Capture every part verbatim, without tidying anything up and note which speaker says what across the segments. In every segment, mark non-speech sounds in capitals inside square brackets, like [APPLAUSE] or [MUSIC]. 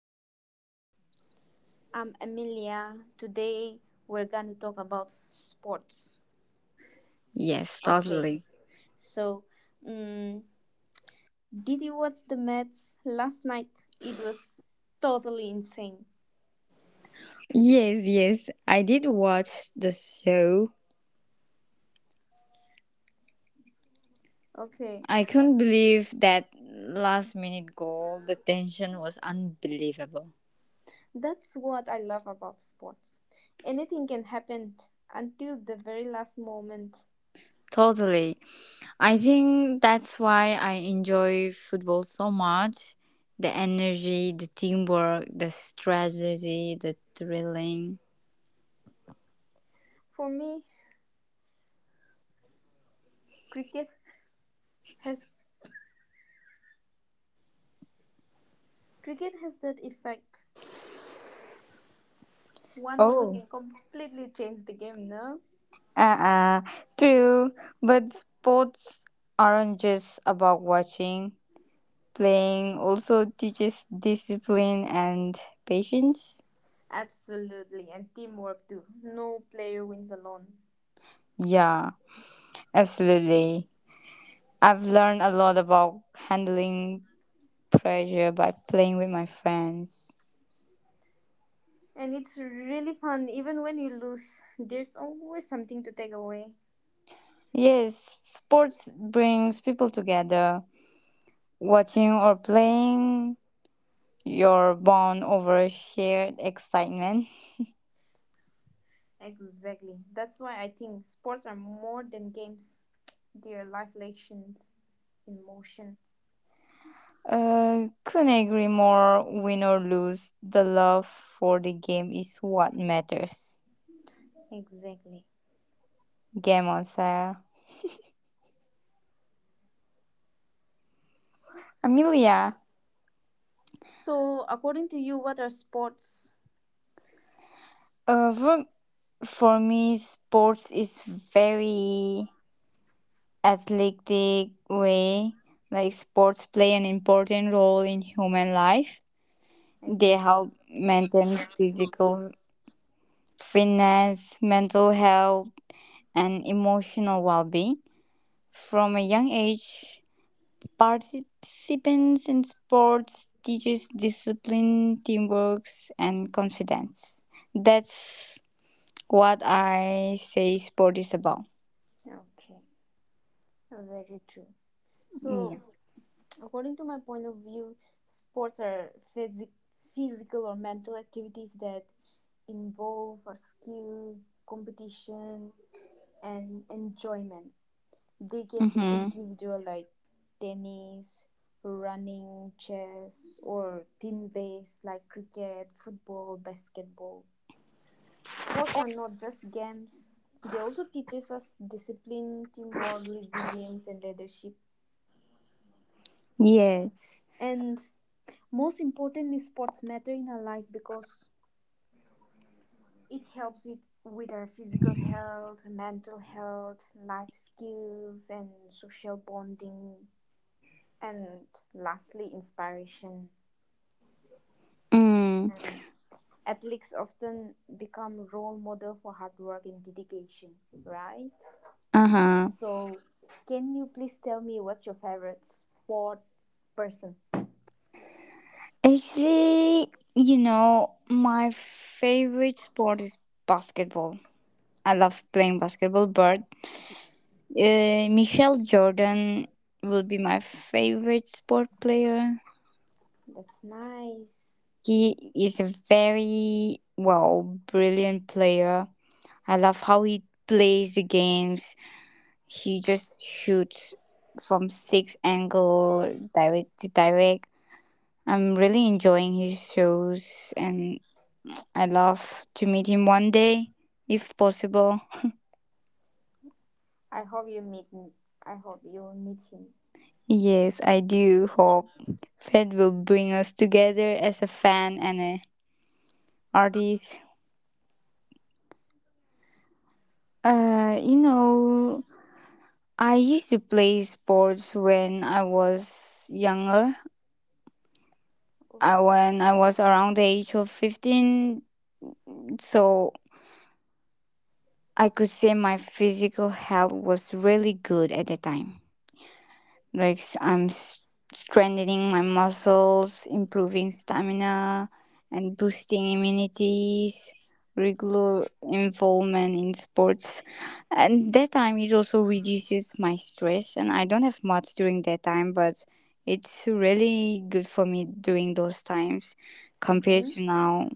Speaker 1: I'm Blair.
Speaker 2: I'm Amelia. Today we're going to talk about sports.
Speaker 1: Yes,
Speaker 2: Okay,
Speaker 1: totally.
Speaker 2: so um, did you watch the Mets last night? It was totally insane.
Speaker 1: Yes, yes, I did watch the show.
Speaker 2: Okay,
Speaker 1: I couldn't believe that last minute goal. The tension was unbelievable.
Speaker 2: that's what I love about sports. Anything can happen until the very last moment.
Speaker 1: Totally. I think that's why I enjoy football so much. The energy, the teamwork, the strategy, the thrilling.
Speaker 2: For me, cricket has cricket has that effect. One over
Speaker 1: Oh.
Speaker 2: can completely change the game, no?
Speaker 1: Uh-uh. True. But sports aren't just about watching. Playing also teaches discipline and patience.
Speaker 2: Absolutely, and teamwork too. No player wins alone.
Speaker 1: Yeah, absolutely. I've learned a lot about handling pressure by playing with my friends.
Speaker 2: And it's really fun, even when you lose, there's always something to take away.
Speaker 1: Yes, sports brings people together. Watching or playing, you're bond over shared excitement.
Speaker 2: Exactly. That's why I think sports are more than games, they are life lessons in motion.
Speaker 1: Uh, couldn't agree more. Win or lose, the love for the game is what matters.
Speaker 2: Exactly.
Speaker 1: Game on, Sarah. Amelia,
Speaker 2: So, according to you, what are sports?
Speaker 1: Uh, for, for me, sports is very athletic way. Like sports play an important role in human life. They
Speaker 2: Exactly.
Speaker 1: help maintain physical fitness, mental health, and emotional well-being. From a young age, participants in sports teaches discipline, teamwork, and confidence. That's what I say sport is about.
Speaker 2: Okay, very true.
Speaker 1: Yeah.
Speaker 2: So, according to my point of view, sports are physic- physical or mental activities that involve or skill, competition, and enjoyment. They can be
Speaker 1: Mm-hmm.
Speaker 2: individual, like tennis, running, chess, or team based, like cricket, football, basketball. Sports are not just games, they also teaches us discipline, teamwork, resilience, and leadership.
Speaker 1: Yes.
Speaker 2: And most importantly, sports matter in our life because it helps it with our physical health, mental health, life skills, and social bonding. And lastly, inspiration.
Speaker 1: Mm.
Speaker 2: And athletes often become role model for hard work and dedication, right?
Speaker 1: Uh-huh.
Speaker 2: So, can you please tell me what's your favorite sport person?
Speaker 1: Actually, you know, my favorite sport is basketball. I love playing basketball, but uh, Michael Jordan will be my favorite sport player.
Speaker 2: That's nice.
Speaker 1: He is a very, well, brilliant player. I love how he plays the games. He just shoots from six angle direct to direct. I'm really enjoying his shows, and I love to meet him one day if possible.
Speaker 2: I hope you meet. I hope you meet him.
Speaker 1: Yes, I do hope Fed will bring us together as a fan and a artist. Uh, you know, I used to play sports when I was younger.
Speaker 2: Oh.
Speaker 1: I when I was around the age of fifteen, so I could say my physical health was really good at the time. Like s- I'm s- Strengthening my muscles, improving stamina, and boosting immunities. Regular involvement in sports, and that time it also reduces my stress. And I don't have much during that time, but it's really good for me during those times compared
Speaker 2: Mm-hmm.
Speaker 1: to now.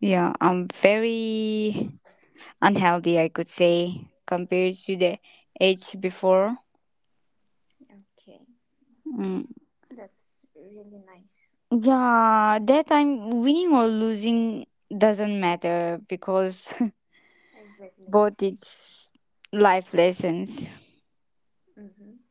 Speaker 1: Yeah, I'm very unhealthy, I could say, compared to the age before.
Speaker 2: Okay,
Speaker 1: Mm.
Speaker 2: that's really nice.
Speaker 1: Yeah, that time winning or losing doesn't matter because [LAUGHS]
Speaker 2: Exactly.
Speaker 1: both it's life lessons.
Speaker 2: Mm-hmm.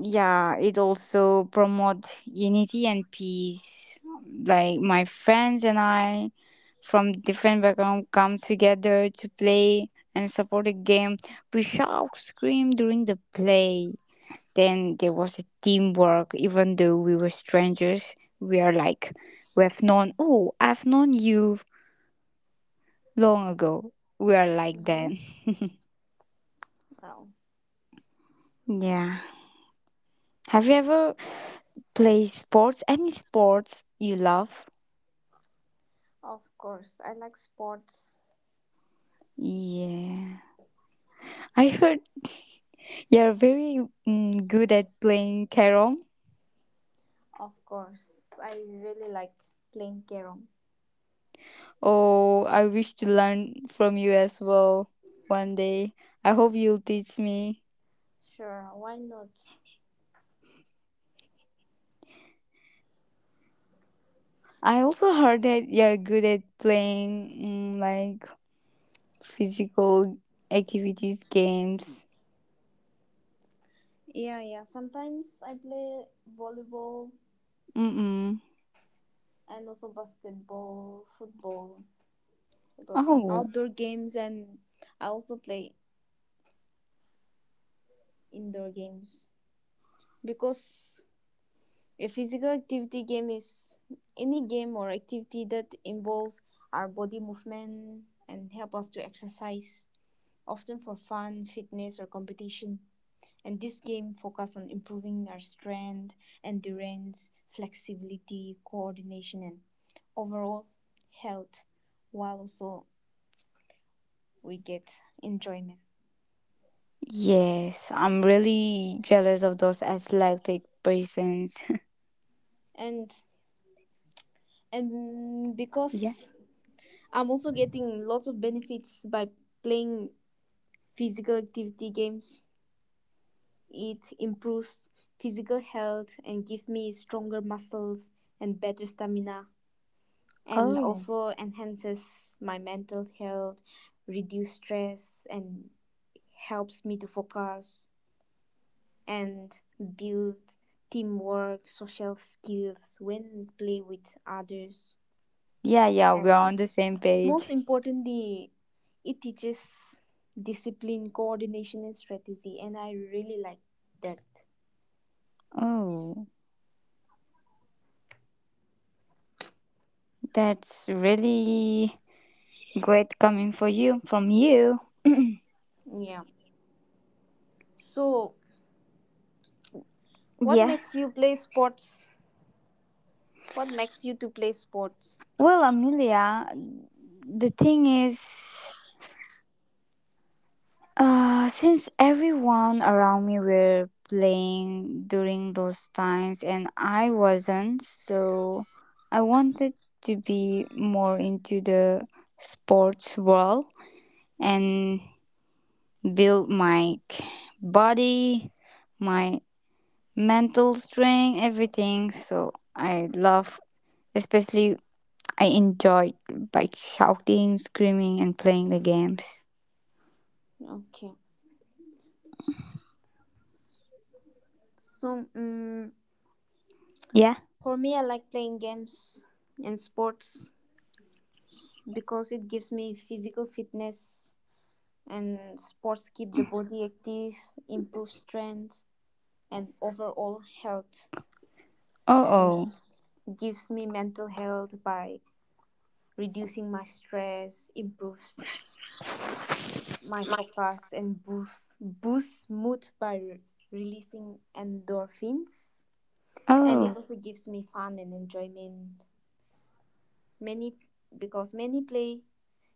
Speaker 1: Yeah, it also promotes unity and peace. Like my friends and I from different background come together to play and support the game. We shout, scream during the play. Then there was a teamwork. Even though we were strangers, we are like we have known. Oh, I've known you long ago. We are like
Speaker 2: Mm-hmm.
Speaker 1: that. [LAUGHS]
Speaker 2: Well,
Speaker 1: Yeah. Have you ever played sports? Any sports you love?
Speaker 2: of course, I like sports.
Speaker 1: Yeah. I heard [LAUGHS] you're very mm, good at playing carom.
Speaker 2: Of course, I really like playing carom.
Speaker 1: Oh, I wish to learn from you as well one day. I hope you'll teach me.
Speaker 2: Sure, why not?
Speaker 1: I also heard that you're good at playing mm, like physical activities games.
Speaker 2: Yeah, yeah. Sometimes I play volleyball
Speaker 1: Mm-mm.
Speaker 2: and also basketball, football, those
Speaker 1: Oh.
Speaker 2: outdoor games, and I also play indoor games because a physical activity game is any game or activity that involves our body movement and help us to exercise, often for fun, fitness, or competition. And this game focus on improving our strength, endurance, flexibility, coordination, and overall health, while also we get enjoyment.
Speaker 1: Yes, I'm really jealous of those athletic persons.
Speaker 2: And and
Speaker 1: [LAUGHS] Yeah.
Speaker 2: because I'm also getting lots of benefits by playing physical activity games, it improves physical health and give me stronger muscles and better stamina and
Speaker 1: Oh.
Speaker 2: also enhances my mental health, reduce stress, and helps me to focus and build teamwork, social skills when play with others.
Speaker 1: Yeah, yeah, we're
Speaker 2: And
Speaker 1: on the same
Speaker 2: most
Speaker 1: page.
Speaker 2: importantly, it teaches discipline, coordination, and strategy, and I really like that.
Speaker 1: Oh, that's really great coming for you from you.
Speaker 2: Yeah. So,
Speaker 1: [CLEARS THROAT]
Speaker 2: what
Speaker 1: Yeah.
Speaker 2: makes you play sports? What makes you to play sports?
Speaker 1: Well, Amelia, the thing is Uh, since everyone around me were playing during those times and I wasn't, so I wanted to be more into the sports world and build my k- body, my mental strength, everything. So I love, especially I enjoyed like shouting, screaming, and playing the games.
Speaker 2: Okay. So, um,
Speaker 1: Yeah.
Speaker 2: for me, I like playing games and sports because it gives me physical fitness, and sports keep the body active, improve strength and overall health, and
Speaker 1: Oh,
Speaker 2: gives me mental health by reducing my stress, improves my focus and boost boosts mood by re- releasing endorphins,
Speaker 1: oh,
Speaker 2: and it
Speaker 1: oh,
Speaker 2: also gives me fun and enjoyment, many because many play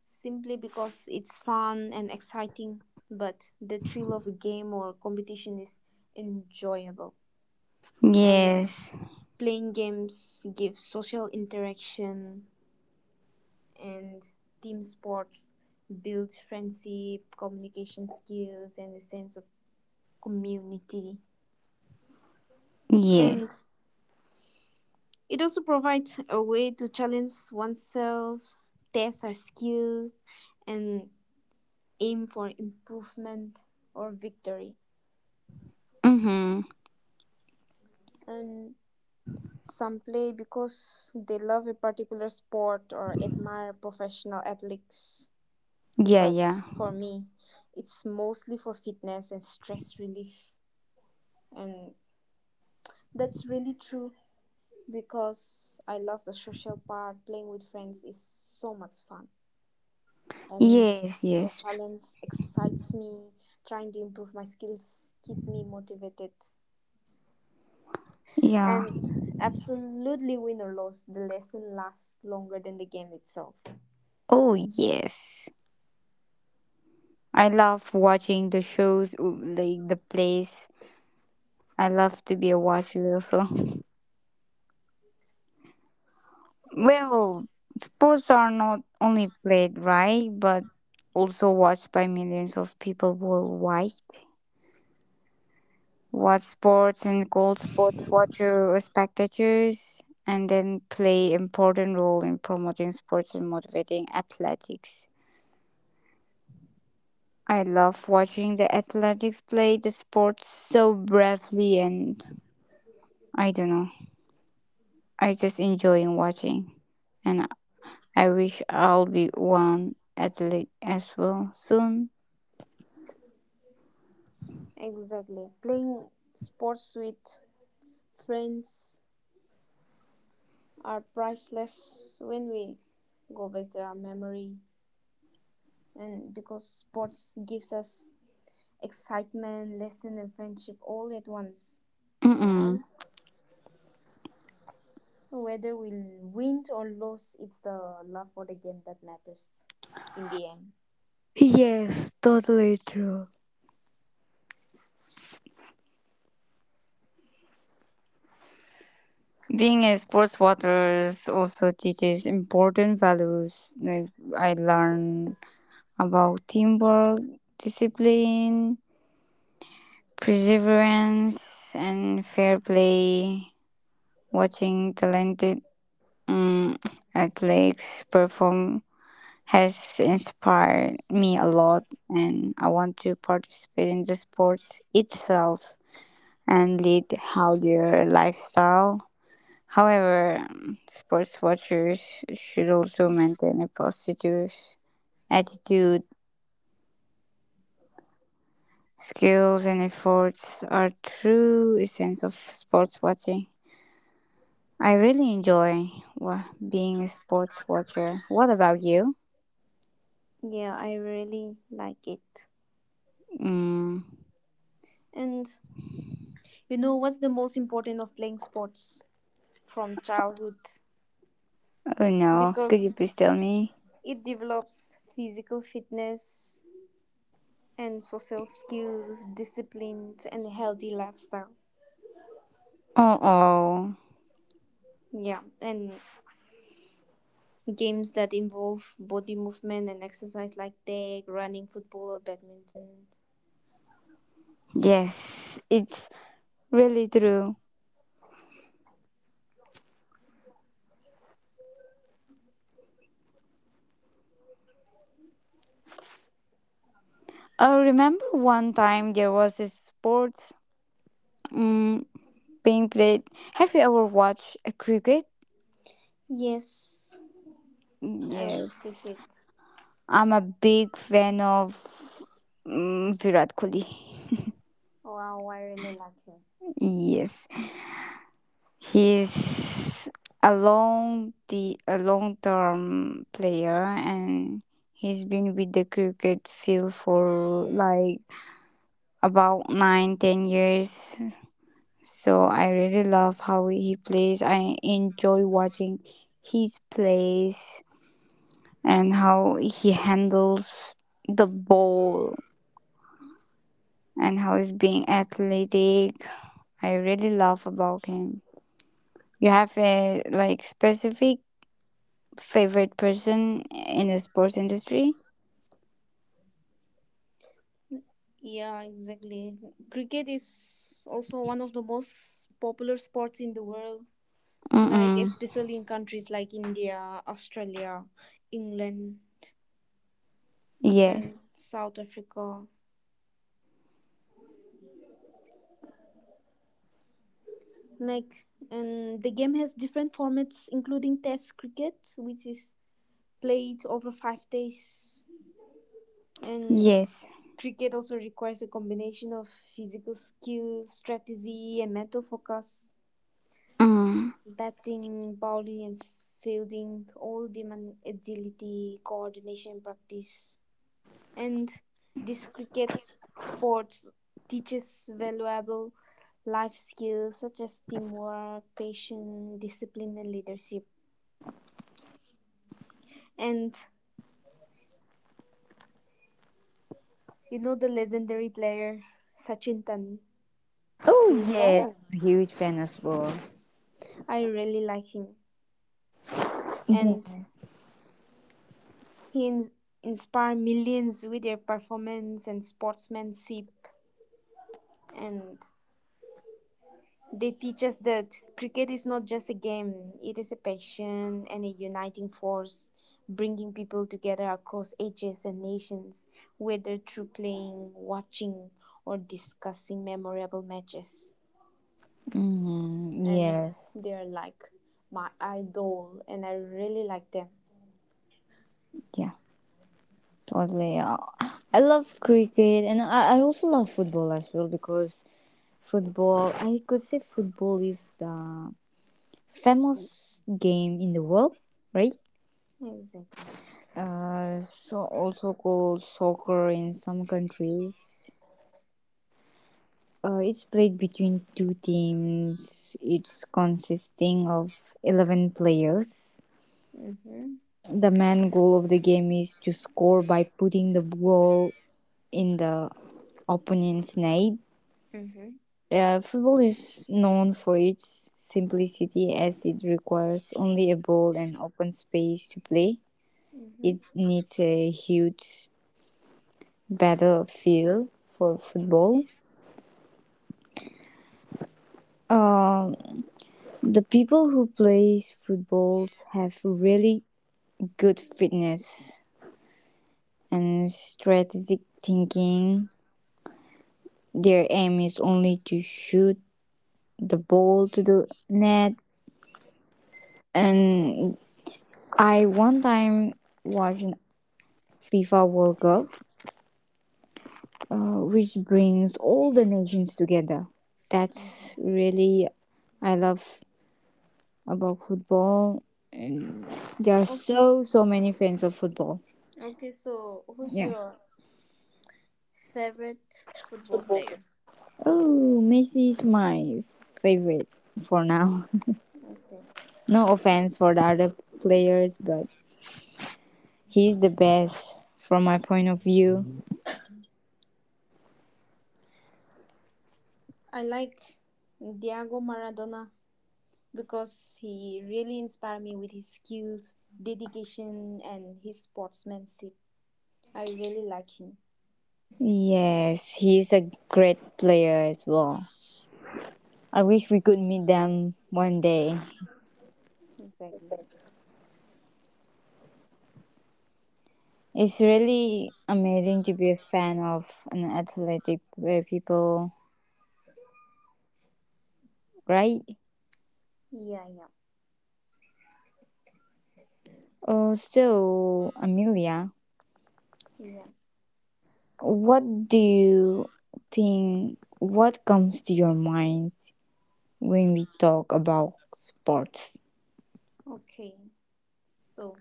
Speaker 2: simply because it's fun and exciting, but the thrill of a game or competition is enjoyable. And
Speaker 1: yes.
Speaker 2: playing games gives social interaction, and team sports build friendship, communication skills, and a sense of community. And
Speaker 1: Yes.
Speaker 2: it also provides a way to challenge oneself, test our skill, and aim for improvement or victory.
Speaker 1: Mm-hmm.
Speaker 2: And some play because they love a particular sport or admire professional athletes.
Speaker 1: Yeah,
Speaker 2: But
Speaker 1: yeah.
Speaker 2: for me, it's mostly for fitness and stress relief. And that's really true because I love the social part. Playing with friends is so much fun. And
Speaker 1: Yes,
Speaker 2: the
Speaker 1: yes.
Speaker 2: challenge excites me. Trying to improve my skills keep me motivated.
Speaker 1: Yeah.
Speaker 2: And absolutely, win or lose, the lesson lasts longer than the game itself.
Speaker 1: Oh, yes. I love watching the shows, uh, like the plays. I love to be a watcher also.
Speaker 2: Yeah.
Speaker 1: Well, sports are not only played, right? But also watched by millions of people worldwide. Watch sports and call sports watcher or spectators, and then play important role in promoting sports and motivating athletics. I love watching the athletics play the sport so bravely, and I don't know. I just enjoy watching. And I wish I'll be one athlete as well soon.
Speaker 2: Exactly. Playing sports with friends are priceless when we go back to our memory, and because sports gives us excitement, lesson and friendship all at once,
Speaker 1: Mm-mm.
Speaker 2: right? Whether we win or lose, it's the love for the game that matters in the end.
Speaker 1: Yes, totally true. Being a sports watcher also teaches important values. Like I learn about teamwork, discipline, perseverance, and fair play. Watching talented Mm, athletes perform has inspired me a lot, and I want to participate in the sports itself and lead healthier lifestyle. However, um, sports watchers should also maintain a positive attitude. Skills and efforts are true essence of sports watching. I really enjoy wa- being a sports watcher. What about you?
Speaker 2: Yeah, I really like it.
Speaker 1: Mm.
Speaker 2: And you know what's the most important of playing sports from childhood?
Speaker 1: Oh no, could you
Speaker 2: Because
Speaker 1: please tell me?
Speaker 2: it develops physical fitness and social skills, discipline, and a healthy lifestyle.
Speaker 1: Oh oh.
Speaker 2: Yeah, and games that involve body movement and exercise like tag, running, football, or badminton.
Speaker 1: Yes, it's really true. I remember one time there was a sports mm, being played. Have you ever watched a cricket?
Speaker 2: Yes, I was
Speaker 1: Yes.
Speaker 2: cricket.
Speaker 1: I'm a big fan of mm, Virat Kohli.
Speaker 2: Wow, I really like it.
Speaker 1: Yes. He's a long the a long term player, and he's been with the cricket field for like about nine, ten years. So I really love how he plays. I enjoy watching his plays and how he handles the ball and how he's being athletic. I really love about him. You have a like specific favorite person in the sports industry?
Speaker 2: Yeah, exactly. Cricket is also one of the most popular sports in the world, like
Speaker 1: Mm-mm.
Speaker 2: especially in countries like India, Australia, England, and
Speaker 1: Yes.
Speaker 2: South Africa. Like, and the game has different formats, including Test cricket, which is played over five days. And
Speaker 1: Yes.
Speaker 2: cricket also requires a combination of physical skill, strategy, and mental focus.
Speaker 1: Mm.
Speaker 2: Batting, bowling, and fielding all demand agility, coordination, and practice. And this cricket sports teaches valuable life skills such as teamwork, patience, discipline, and leadership. And you know the legendary player Sachin
Speaker 1: Oh yes,
Speaker 2: Tendulkar.
Speaker 1: I'm a huge fan as well.
Speaker 2: I really like him,
Speaker 1: Yeah.
Speaker 2: and he in- inspired millions with their performance and sportsmanship. And they teach us that cricket is not just a game, it is a passion and a uniting force, bringing people together across ages and nations, whether through playing, watching, or discussing memorable matches.
Speaker 1: Mm,
Speaker 2: And
Speaker 1: yes.
Speaker 2: they are like my idol, and I really like them.
Speaker 1: Yeah, totally. Uh, I love cricket, and I, I also love football as well because football, I could say football is the famous game in the world, right?
Speaker 2: Exactly.
Speaker 1: Uh, so also called soccer in some countries. Uh, it's played between two teams. It's consisting of eleven players.
Speaker 2: Mm-hmm.
Speaker 1: The main goal of the game is to score by putting the ball in the opponent's net.
Speaker 2: Mm-hmm.
Speaker 1: Yeah, football is known for its simplicity as it requires only a ball and open space to play. It
Speaker 2: Mm-hmm.
Speaker 1: needs a huge battlefield for football. Um, the people who play football have really good fitness and strategic thinking. Their aim is only to shoot the ball to the net. And I one time watched an FIFA World Cup uh, which brings all the nations together.
Speaker 2: Mm-hmm.
Speaker 1: That's really I love about football, and there are
Speaker 2: Okay,
Speaker 1: so so many fans of football.
Speaker 2: okay, so who's
Speaker 1: Yeah.
Speaker 2: your favorite football player?
Speaker 1: Oh, Messi is my favorite for now.
Speaker 2: Okay.
Speaker 1: [LAUGHS] No offense for the other players, but he's the best from my point of view.
Speaker 2: I like Diego Maradona because he really inspired me with his skills, dedication, and his sportsmanship. I really like him.
Speaker 1: Yes, he's a great player as well. I wish we could meet them one day.
Speaker 2: Exactly.
Speaker 1: It's really amazing to be a fan of an athletic where people, right?
Speaker 2: Yeah, yeah,
Speaker 1: Oh, so, Amelia,
Speaker 2: yeah.
Speaker 1: what do you think? What comes to your mind when we talk about sports?
Speaker 2: Okay. So,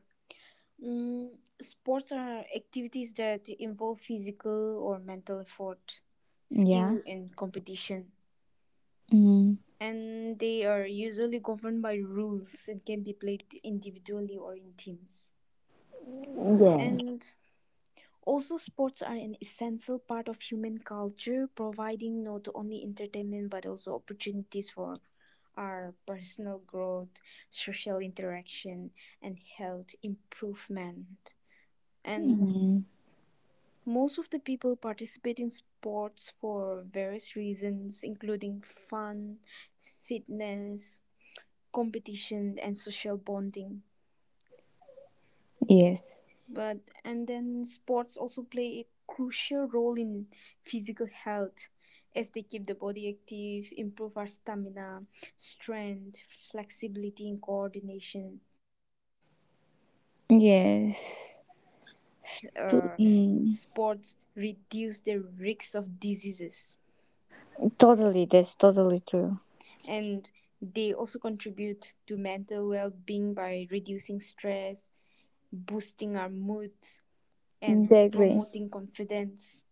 Speaker 2: mm, sports are activities that involve physical or mental effort,
Speaker 1: Yeah.
Speaker 2: skill, and competition.
Speaker 1: Mm.
Speaker 2: And they are usually governed by rules and can be played individually or in teams.
Speaker 1: Yes.
Speaker 2: And also, sports are an essential part of human culture, providing not only entertainment but also opportunities for our personal growth, social interaction, and health improvement. And
Speaker 1: Mm.
Speaker 2: most of the people participate in sports for various reasons, including fun, fitness, competition, and social bonding.
Speaker 1: Yes.
Speaker 2: But and then sports also play a crucial role in physical health as they keep the body active, improve our stamina, strength, flexibility, and coordination, and the most
Speaker 1: Yes.
Speaker 2: important thing is that
Speaker 1: Sp-
Speaker 2: uh,
Speaker 1: mm.
Speaker 2: sports reduce the risks of diseases,
Speaker 1: Totally. That's totally true.
Speaker 2: and they also contribute to mental well-being by reducing stress, boosting our mood and
Speaker 1: Exactly.
Speaker 2: promoting confidence,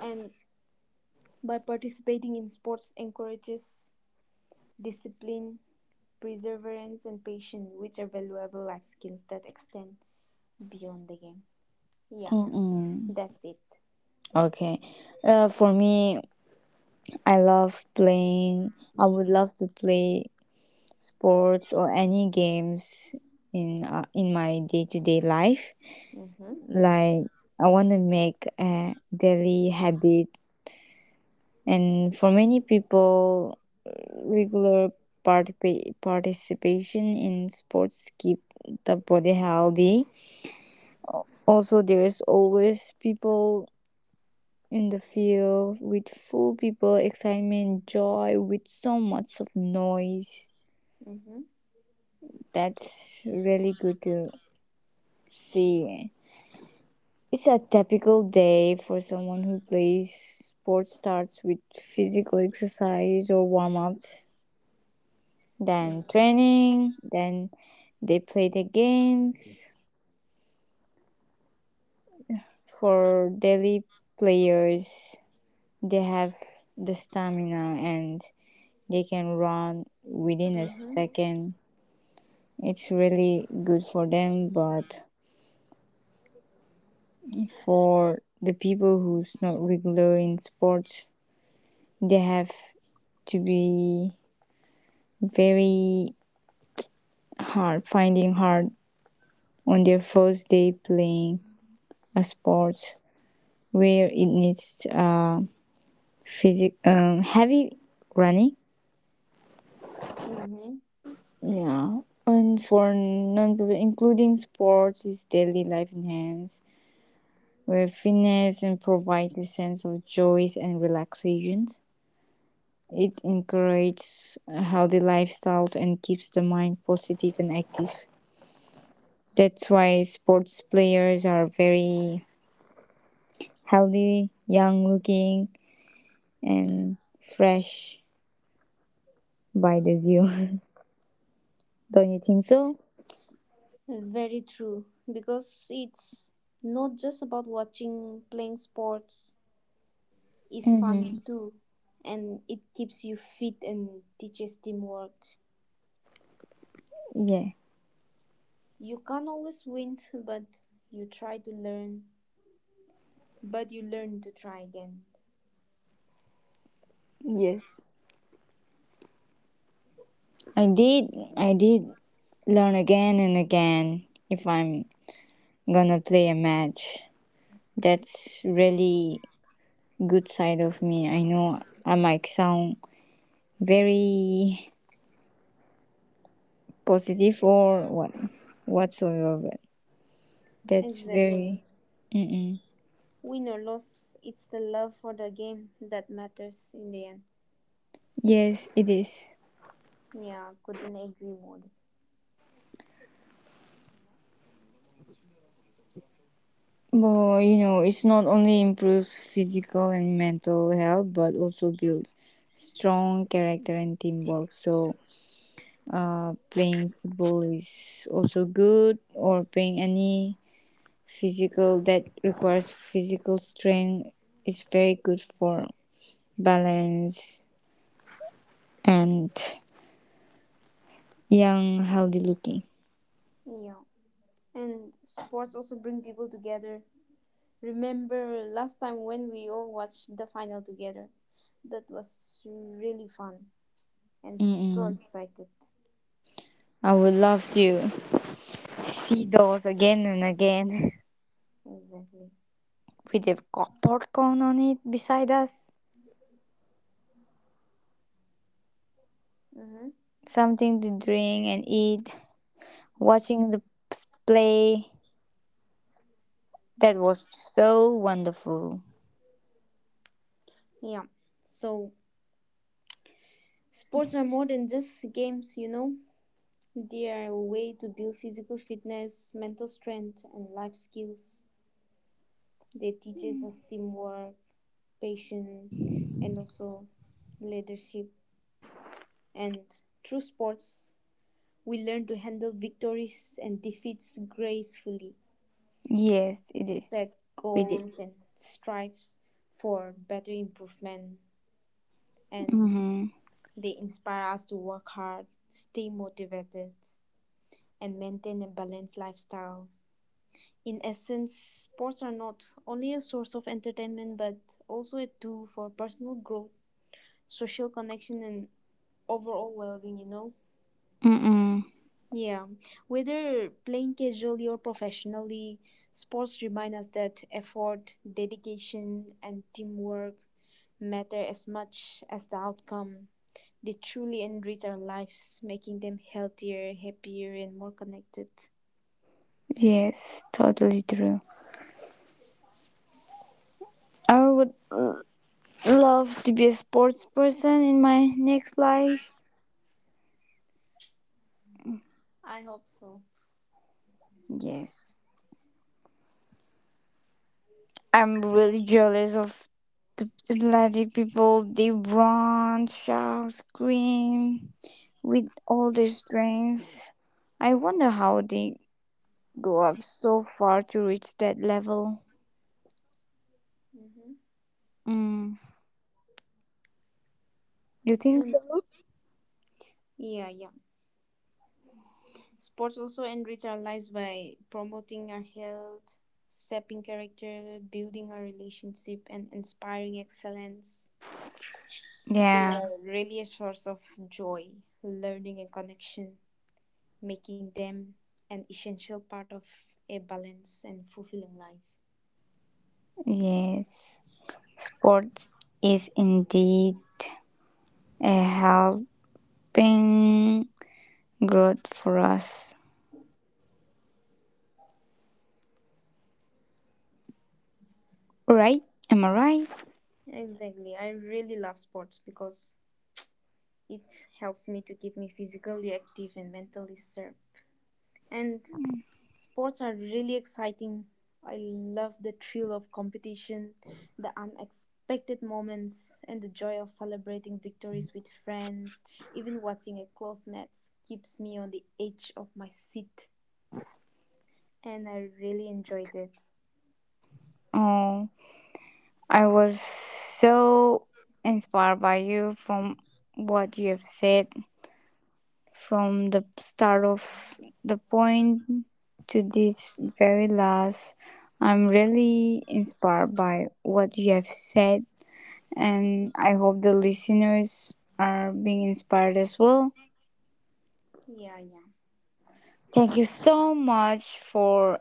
Speaker 2: and by participating in sports encourages discipline, perseverance and patience, which are valuable life skills that extend beyond the game. Yeah,
Speaker 1: Mm-mm.
Speaker 2: that's it.
Speaker 1: Okay. Uh, for me, I love playing. I would love to play sports or any games in uh, in my day to day life.
Speaker 2: Mm-hmm.
Speaker 1: Like I want to make a daily habit, and for many people, regular partipa- participation in sports keep the body healthy. Also, there's always people in the field with full people excitement, joy, with so much of noise.
Speaker 2: Mm-hmm.
Speaker 1: That's really good to see. It's a typical day for someone who plays sports starts with physical exercise or warm ups, then
Speaker 2: Mm-hmm.
Speaker 1: training, then they play the games. For daily players, they have the stamina, and they can run within a
Speaker 2: Mm-hmm.
Speaker 1: second. It's really good for them, but for the people who's not regular in sports, they have to be very hard, finding hard on their first day playing a sport where it needs uh, physic um, heavy running.
Speaker 2: Mm-hmm.
Speaker 1: Yeah, and for non including sports is daily life enhance where fitness and provides a sense of joys and relaxations. It encourages healthy lifestyles and keeps the mind positive and active. That's why sports players are very healthy, young looking, and fresh by the view. [LAUGHS] Don't you think so?
Speaker 2: Very true. Because it's not just about watching, playing sports is fun
Speaker 1: Mm-hmm.
Speaker 2: too. And it keeps you fit and teaches teamwork.
Speaker 1: Yeah.
Speaker 2: You can't always win, but you try to learn but you learn to try again.
Speaker 1: Yes. I did. I did learn again and again if I'm gonna play a match. That's really good side of me. I know I might sound very positive or what whatsoever, but that's very.
Speaker 2: Exactly.
Speaker 1: Mm-mm.
Speaker 2: Win or loss, it's the love for the game that matters in the end.
Speaker 1: Yes, it is.
Speaker 2: Yeah, couldn't agree more.
Speaker 1: But you know, it's not only improves physical and mental health, but also builds strong character and teamwork. So, uh, playing football is also good, or playing any physical that requires physical strength is very good for balance and young, healthy looking.
Speaker 2: Yeah. And sports also bring people together. Remember last time when we all watched the final together? That was really fun and so
Speaker 1: Mm-mm.
Speaker 2: excited.
Speaker 1: I would love to see those again and again. [LAUGHS]
Speaker 2: Exactly.
Speaker 1: We'd have popcorn on it beside us,
Speaker 2: Mm-hmm.
Speaker 1: something to drink and eat, watching the p- play. That was so wonderful.
Speaker 2: Yeah. So sports are more than just games, you know. They are a way to build physical fitness, mental strength, and life skills. They teaches us teamwork, patience, and also leadership. And through sports, we learn to handle victories and defeats gracefully,
Speaker 1: Yes, it is.
Speaker 2: set
Speaker 1: We did.
Speaker 2: goals, and strives for better improvement. And
Speaker 1: Mm-hmm.
Speaker 2: they inspire us to work hard, stay motivated, and maintain a balanced lifestyle. In essence, sports are not only a source of entertainment but also a tool for personal growth, social connection, and overall well being, you know?
Speaker 1: Mm-mm.
Speaker 2: Yeah, whether playing casually or professionally, sports remind us that effort, dedication, and teamwork matter as much as the outcome. They truly enrich our lives, making them healthier, happier, and more connected.
Speaker 1: Yes, totally true. I would l- love to be a sports person in my next life.
Speaker 2: I hope so.
Speaker 1: Yes. I'm really jealous of the athletic people. They run, shout, scream with all their strength. I wonder how they go up so far to reach that level. Mm. You think
Speaker 2: Mm-hmm.
Speaker 1: so?
Speaker 2: Yeah, yeah. Sports also enrich our lives by promoting our health, shaping character, building our relationship, and inspiring excellence. They
Speaker 1: Yeah.
Speaker 2: are really a source of joy, learning, and connection, making them an essential part of a balanced and fulfilling life.
Speaker 1: Yes. Sports is indeed a helping growth for us. Right? Am I right?
Speaker 2: Exactly. I really love sports because it helps me to keep me physically active and mentally sharp. And sports are really exciting. I love the thrill of competition, the unexpected moments, and the joy of celebrating victories with friends. Even watching a close match keeps me on the edge of my seat, and I really enjoyed it.
Speaker 1: Oh. I was so inspired by you from what you have said from the start of the point to this very last. I'm really inspired by what you have said, and I hope the listeners are being inspired as well.
Speaker 2: Yeah, yeah.
Speaker 1: Thank you so much for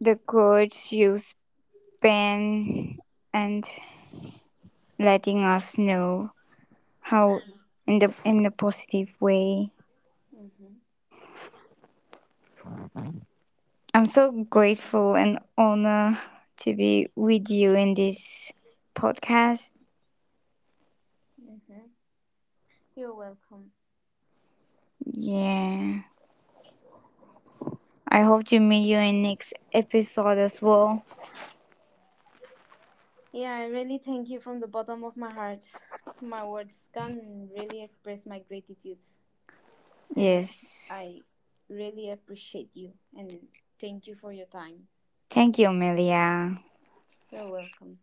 Speaker 1: the courage you spent and letting us know how
Speaker 2: Mm-hmm.
Speaker 1: in the in the positive way.
Speaker 2: Mm-hmm.
Speaker 1: I'm so grateful and honored to be with you in this podcast.
Speaker 2: Mm-hmm. You're welcome.
Speaker 1: Yeah. I hope to meet you in next episode as well.
Speaker 2: Yeah, I really thank you from the bottom of my heart. My words can really express my gratitude. And
Speaker 1: Yes.
Speaker 2: I really appreciate you and thank you for your time.
Speaker 1: Thank you, Amelia.
Speaker 2: You're welcome.